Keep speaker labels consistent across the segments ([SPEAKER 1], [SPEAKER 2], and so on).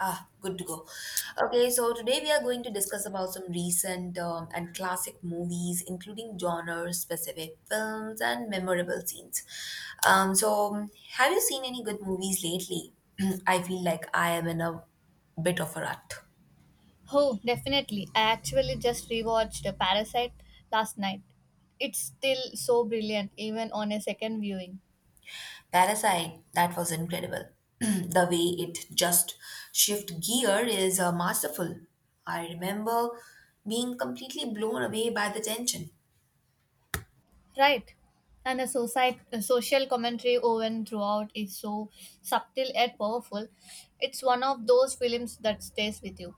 [SPEAKER 1] Ah, good to go. Okay, so today we are going to discuss about some recent and classic movies, including genre-specific films and memorable scenes. Um, so, have you seen any good movies lately? I feel like I am in a bit of a rut.
[SPEAKER 2] Oh, definitely. I actually just rewatched The Parasite last night. It's still so brilliant, even on a second viewing.
[SPEAKER 1] Parasite, that was incredible. The way it just shift gear is masterful. I remember being completely blown away by the tension.
[SPEAKER 2] Right. And the society, social commentary woven throughout is so subtle and powerful. It's one of those films that stays with you.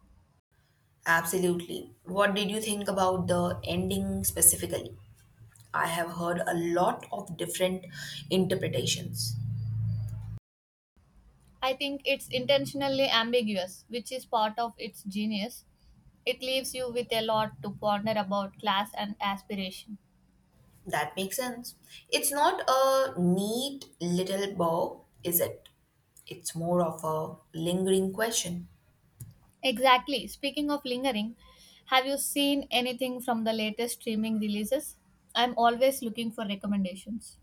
[SPEAKER 1] Absolutely. What did you think about the ending specifically? I have heard a lot of different interpretations.
[SPEAKER 2] I think it's intentionally ambiguous, which is part of its genius. It leaves you with a lot to ponder about class and aspiration.
[SPEAKER 1] That makes sense. It's not a neat little bow, is it? It's more of a lingering question.
[SPEAKER 2] Exactly. Speaking of lingering, have you seen anything from the latest streaming releases? I'm always looking for recommendations.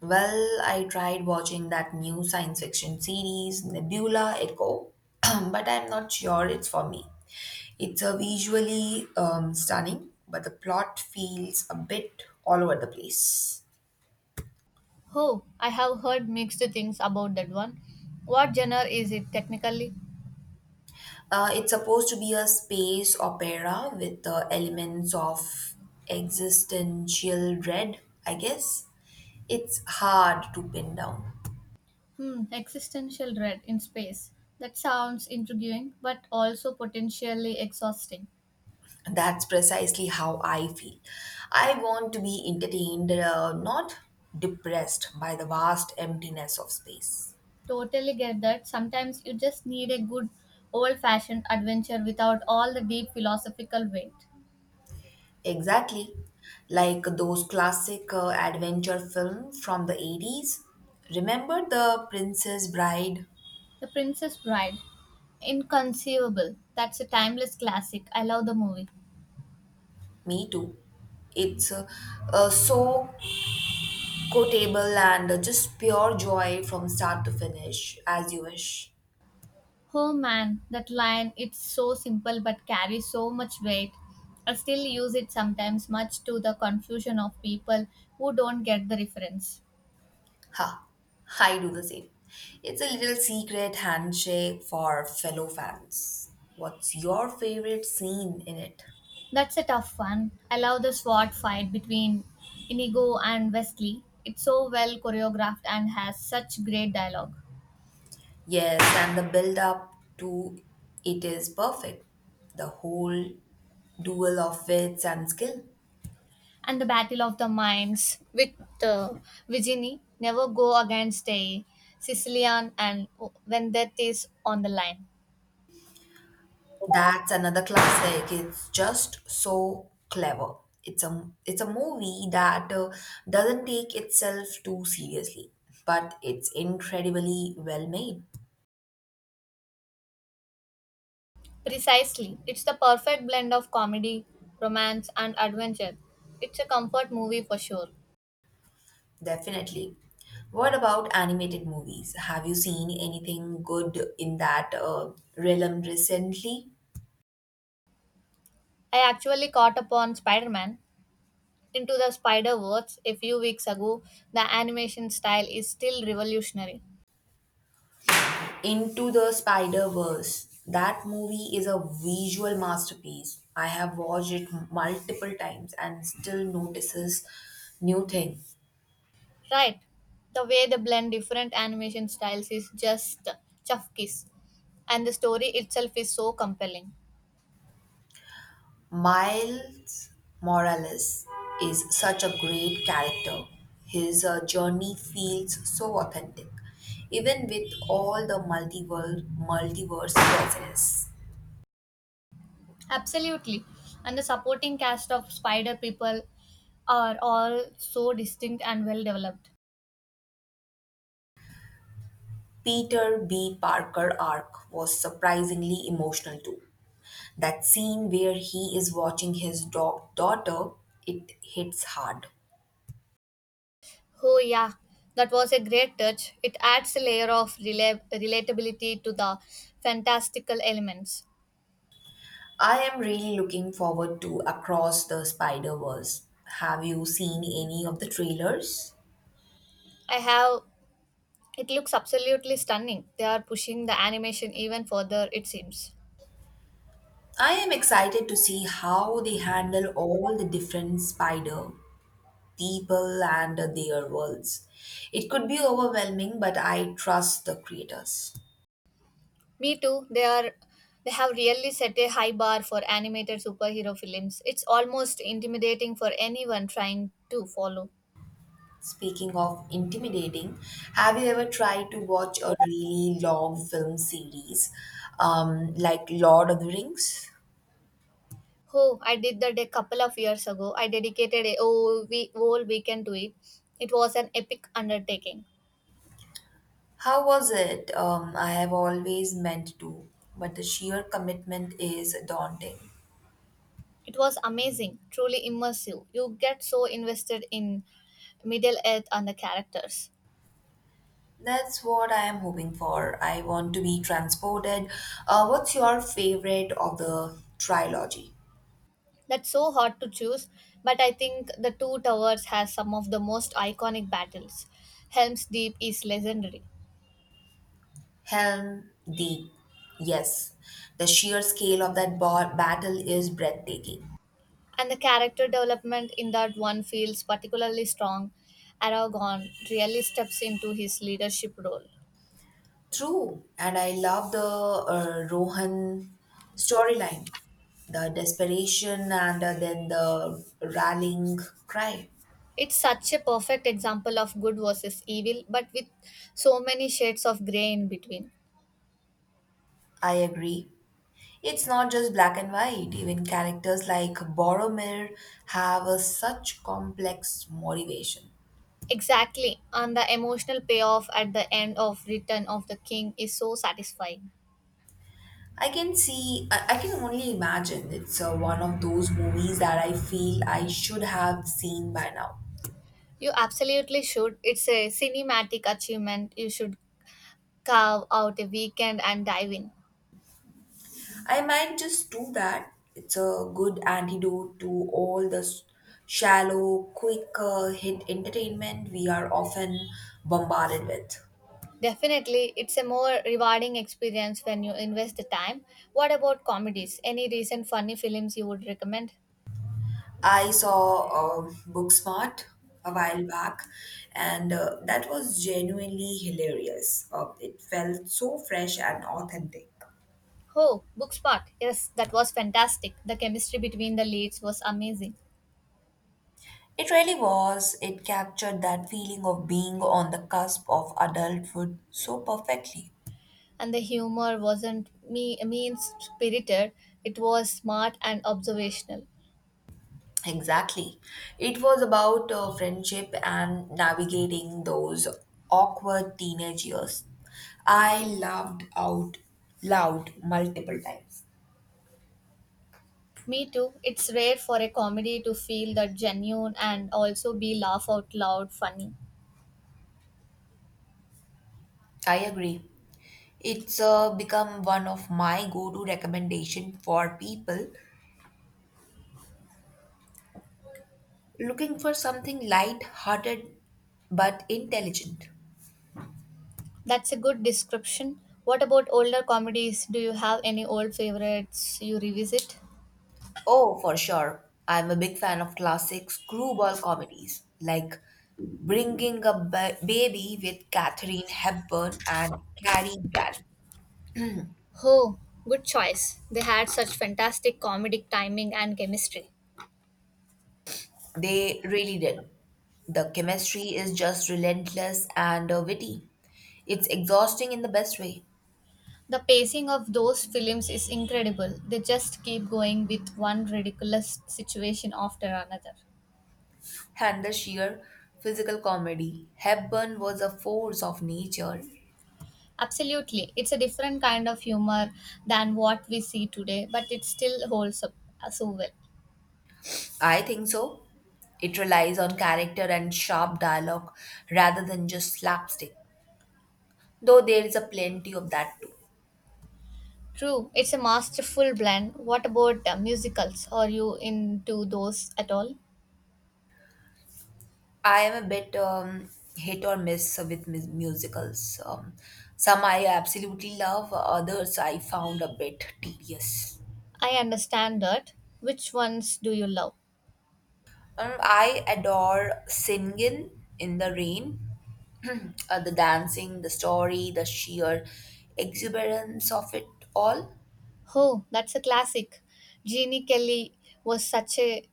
[SPEAKER 1] Well, I tried watching that new science fiction series, Nebula Echo, but I'm not sure it's for me. It's a visually stunning, but the plot feels a bit all over the place.
[SPEAKER 2] Oh, I have heard mixed things about that one. What genre is it technically?
[SPEAKER 1] It's supposed to be a space opera with the elements of existential dread, I guess. It's hard to pin down.
[SPEAKER 2] Hmm, existential dread in space. That sounds intriguing, but also potentially exhausting.
[SPEAKER 1] That's precisely how I feel. I want to be entertained, not depressed by the vast emptiness of space.
[SPEAKER 2] Totally get that. Sometimes you just need a good old fashioned adventure without all the deep philosophical weight.
[SPEAKER 1] Exactly. Like those classic adventure films from the 80s. Remember The Princess Bride?
[SPEAKER 2] The Princess Bride. Inconceivable. That's a timeless classic. I love the movie.
[SPEAKER 1] Me too. It's so quotable and just pure joy from start to finish, as you wish.
[SPEAKER 2] Oh man, that line, it's so simple but carries so much weight. I still use it sometimes, much to the confusion of people who don't get the reference.
[SPEAKER 1] Ha, I do the same. It's a little secret handshake for fellow fans. What's your favorite scene in it?
[SPEAKER 2] That's a tough one. I love the sword fight between Inigo and Wesley. It's so well choreographed and has such great dialogue.
[SPEAKER 1] Yes, and the build up to it is perfect. The whole duel of wits and skill.
[SPEAKER 2] And the Battle of the Mines with uh, Virginie, never go against a Sicilian, and oh, when death is on the line.
[SPEAKER 1] That's another classic. It's just so clever. It's a movie that doesn't take itself too seriously, but it's incredibly well made.
[SPEAKER 2] Precisely, it's the perfect blend of comedy, romance, and adventure. It's a comfort movie for sure.
[SPEAKER 1] Definitely. What about animated movies? Have you seen anything good in that realm recently?
[SPEAKER 2] I actually caught up on Spider Man Into the Spider Verse a few weeks ago. The animation style is still revolutionary.
[SPEAKER 1] Into the Spider Verse. That movie is a visual masterpiece. I have watched it multiple times and still notices new thing.
[SPEAKER 2] Right. The way they blend different animation styles is just chuff kiss. And the story itself is so compelling.
[SPEAKER 1] Miles Morales is such a great character. His journey feels so authentic, even with all the multiverse presence.
[SPEAKER 2] Absolutely. And the supporting cast of spider people are all so distinct and well developed.
[SPEAKER 1] Peter B. Parker arc was surprisingly emotional too. That scene where he is watching his dog daughter, it hits hard.
[SPEAKER 2] Oh yeah, that was a great touch. It adds a layer of relatability to the fantastical elements.
[SPEAKER 1] I am really looking forward to Across the Spider Verse. Have you seen any of the trailers?
[SPEAKER 2] I have, it looks absolutely stunning. They are pushing the animation even further it seems.
[SPEAKER 1] I am excited to see how they handle all the different spider people and their worlds. It could be overwhelming, but I trust the creators.
[SPEAKER 2] Me too. They are they have really set a high bar for animated superhero films. It's almost intimidating for anyone trying to follow.
[SPEAKER 1] Speaking of intimidating, have you ever tried to watch a really long film series like Lord of the Rings?
[SPEAKER 2] Oh, I did that a couple of years ago. I dedicated a whole weekend to it. It was an epic undertaking.
[SPEAKER 1] How was it? I have always meant to, but the sheer commitment is daunting.
[SPEAKER 2] It was amazing, truly immersive. You get so invested in Middle Earth and the characters.
[SPEAKER 1] That's what I am hoping for. I want to be transported. What's your favorite of the trilogy?
[SPEAKER 2] That's so hard to choose, but I think The Two Towers has some of the most iconic battles. Helm's Deep is legendary.
[SPEAKER 1] Helm Deep. Yes, the sheer scale of that battle is breathtaking.
[SPEAKER 2] And the character development in that one feels particularly strong. Aragon really steps into his leadership role.
[SPEAKER 1] True, and I love the Rohan storyline, the desperation, and then the rallying cry.
[SPEAKER 2] It's such a perfect example of good versus evil, but with so many shades of grey in between.
[SPEAKER 1] I agree. It's not just black and white. Even characters like Boromir have a such complex motivation.
[SPEAKER 2] Exactly, and the emotional payoff at the end of Return of the King is so satisfying.
[SPEAKER 1] I can only imagine it's one of those movies that I feel I should have seen by now.
[SPEAKER 2] You absolutely should. It's a cinematic achievement. You should carve out a weekend and dive in.
[SPEAKER 1] I might just do that. It's a good antidote to all the shallow, quick hit entertainment we are often bombarded with.
[SPEAKER 2] Definitely, it's a more rewarding experience when you invest the time. What about comedies? Any recent funny films you would recommend?
[SPEAKER 1] I saw Booksmart a while back, and that was genuinely hilarious. It felt so fresh and authentic.
[SPEAKER 2] Oh, Booksmart. Yes, that was fantastic. The chemistry between the leads was amazing.
[SPEAKER 1] It really was. It captured that feeling of being on the cusp of adulthood so perfectly.
[SPEAKER 2] And the humor wasn't me mean spirited, it was smart and observational.
[SPEAKER 1] Exactly. It was about friendship and navigating those awkward teenage years. I laughed out loud multiple times.
[SPEAKER 2] Me too. It's rare for a comedy to feel that genuine and also be laugh out loud funny.
[SPEAKER 1] I agree. It's become one of my go-to recommendation for people looking for something light-hearted but intelligent.
[SPEAKER 2] That's a good description. What about older comedies? Do you have any old favorites you revisit?
[SPEAKER 1] Oh, for sure. I'm a big fan of classic screwball comedies like Bringing a Baby with Katharine Hepburn and Cary Grant.
[SPEAKER 2] Oh, good choice. They had such fantastic comedic timing and chemistry.
[SPEAKER 1] They really did. The chemistry is just relentless and witty. It's exhausting in the best way.
[SPEAKER 2] The pacing of those films is incredible. They just keep going with one ridiculous situation after another.
[SPEAKER 1] And the sheer physical comedy. Hepburn was a force of nature.
[SPEAKER 2] Absolutely. It's a different kind of humor than what we see today, but it still holds up so well.
[SPEAKER 1] I think so. It relies on character and sharp dialogue rather than just slapstick, though there is a plenty of that too.
[SPEAKER 2] True, it's a masterful blend. What about musicals? Are you into those at all?
[SPEAKER 1] I am a bit hit or miss with musicals. Some I absolutely love, others I found a bit tedious.
[SPEAKER 2] I understand that. Which ones do you love?
[SPEAKER 1] I adore singing in the rain, the dancing, the story, the sheer exuberance of it all.
[SPEAKER 2] Oh, that's a classic. Jeannie Kelly was such a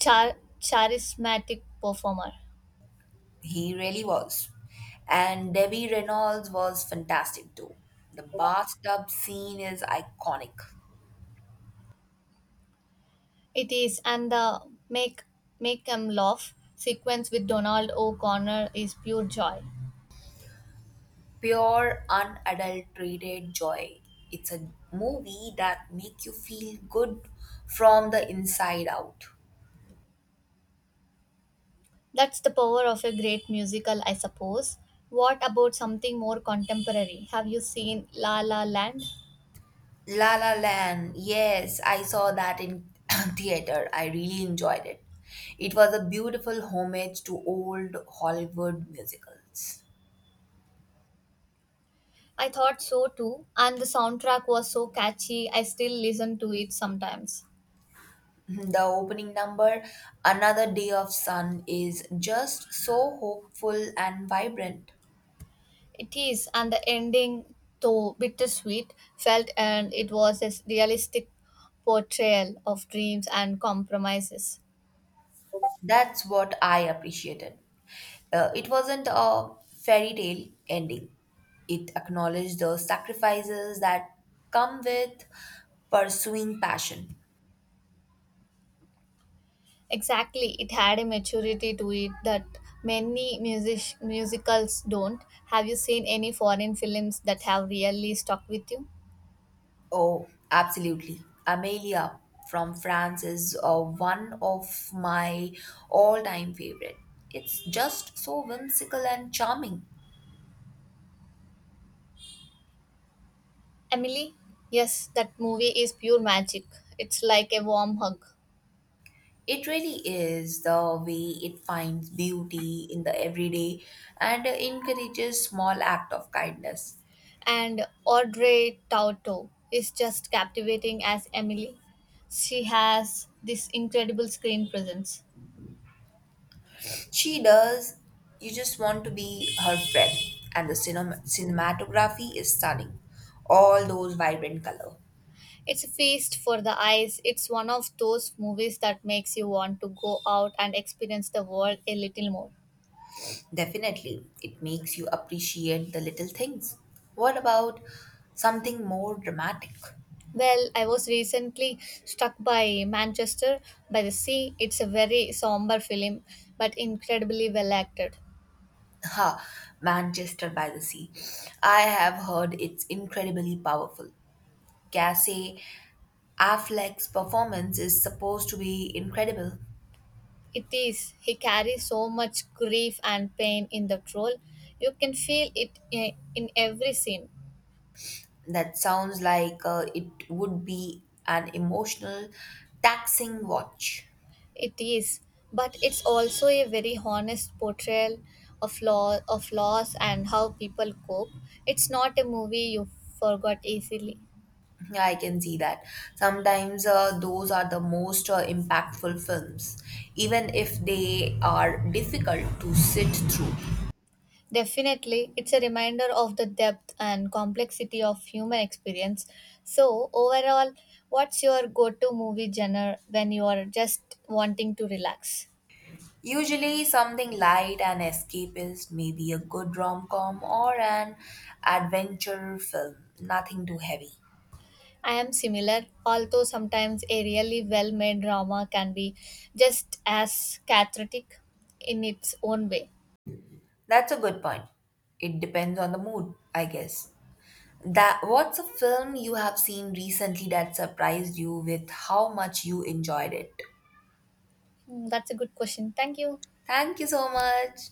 [SPEAKER 2] charismatic performer.
[SPEAKER 1] He really was. And Debbie Reynolds was fantastic too. The bathtub scene is iconic.
[SPEAKER 2] It is, and the make make 'em laugh sequence with Donald O'Connor is pure joy.
[SPEAKER 1] Pure, unadulterated joy. It's a movie that make you feel good from the inside out.
[SPEAKER 2] That's the power of a great musical, I suppose. What about something more contemporary? Have you seen La La Land?
[SPEAKER 1] La La Land. Yes, I saw that in theater. I really enjoyed it. It was a beautiful homage to old Hollywood musicals.
[SPEAKER 2] I thought so too, and the soundtrack was so catchy, I still listen to it sometimes.
[SPEAKER 1] The opening number, Another Day of Sun, is just so hopeful and vibrant.
[SPEAKER 2] It is, and the ending, though bittersweet, felt and it was a realistic portrayal of dreams and compromises.
[SPEAKER 1] That's what I appreciated. It wasn't a fairy tale ending. It acknowledged the sacrifices that come with pursuing passion.
[SPEAKER 2] Exactly, it had a maturity to it that many musicals don't. Have you seen any foreign films that have really stuck with you?
[SPEAKER 1] Oh, absolutely. Amelia from France is one of my all time favorite. It's just so whimsical and charming.
[SPEAKER 2] Emily? Yes, that movie is pure magic. It's like a warm hug.
[SPEAKER 1] It really is the way it finds beauty in the everyday and encourages small act of kindness.
[SPEAKER 2] And Audrey Tautou is just captivating as Emily. She has this incredible screen presence.
[SPEAKER 1] She does. You just want to be her friend and the cinematography is stunning. All those vibrant color.
[SPEAKER 2] It's a feast for the eyes. It's one of those movies that makes you want to go out and experience the world a little more.
[SPEAKER 1] Definitely, it makes you appreciate the little things. What about something more dramatic?
[SPEAKER 2] Well, I was recently struck by Manchester by the Sea. It's a very somber film, but incredibly well acted.
[SPEAKER 1] Ha, Manchester by the Sea. I have heard it's incredibly powerful. Cassie Affleck's performance is supposed to be incredible.
[SPEAKER 2] It is. He carries so much grief and pain in that role. You can feel it in every scene.
[SPEAKER 1] That sounds like it would be an emotional, taxing watch.
[SPEAKER 2] It is. But it's also a very honest portrayal of law of loss and how people cope. It's not a movie you forgot easily.
[SPEAKER 1] Yeah, I can see that. Sometimes those are the most impactful films, even if they are difficult to sit through.
[SPEAKER 2] Definitely, it's a reminder of the depth and complexity of human experience. So, overall, what's your go to movie genre when you are just wanting to relax?
[SPEAKER 1] Usually, something light and escapist, maybe a good rom com or an adventure film, nothing too heavy.
[SPEAKER 2] I am similar, although sometimes a really well made drama can be just as cathartic in its own way.
[SPEAKER 1] That's a good point. It depends on the mood, I guess. That what's a film you have seen recently that surprised you with how much you enjoyed it?
[SPEAKER 2] Hmm, that's a good question. Thank you.
[SPEAKER 1] Thank you so much.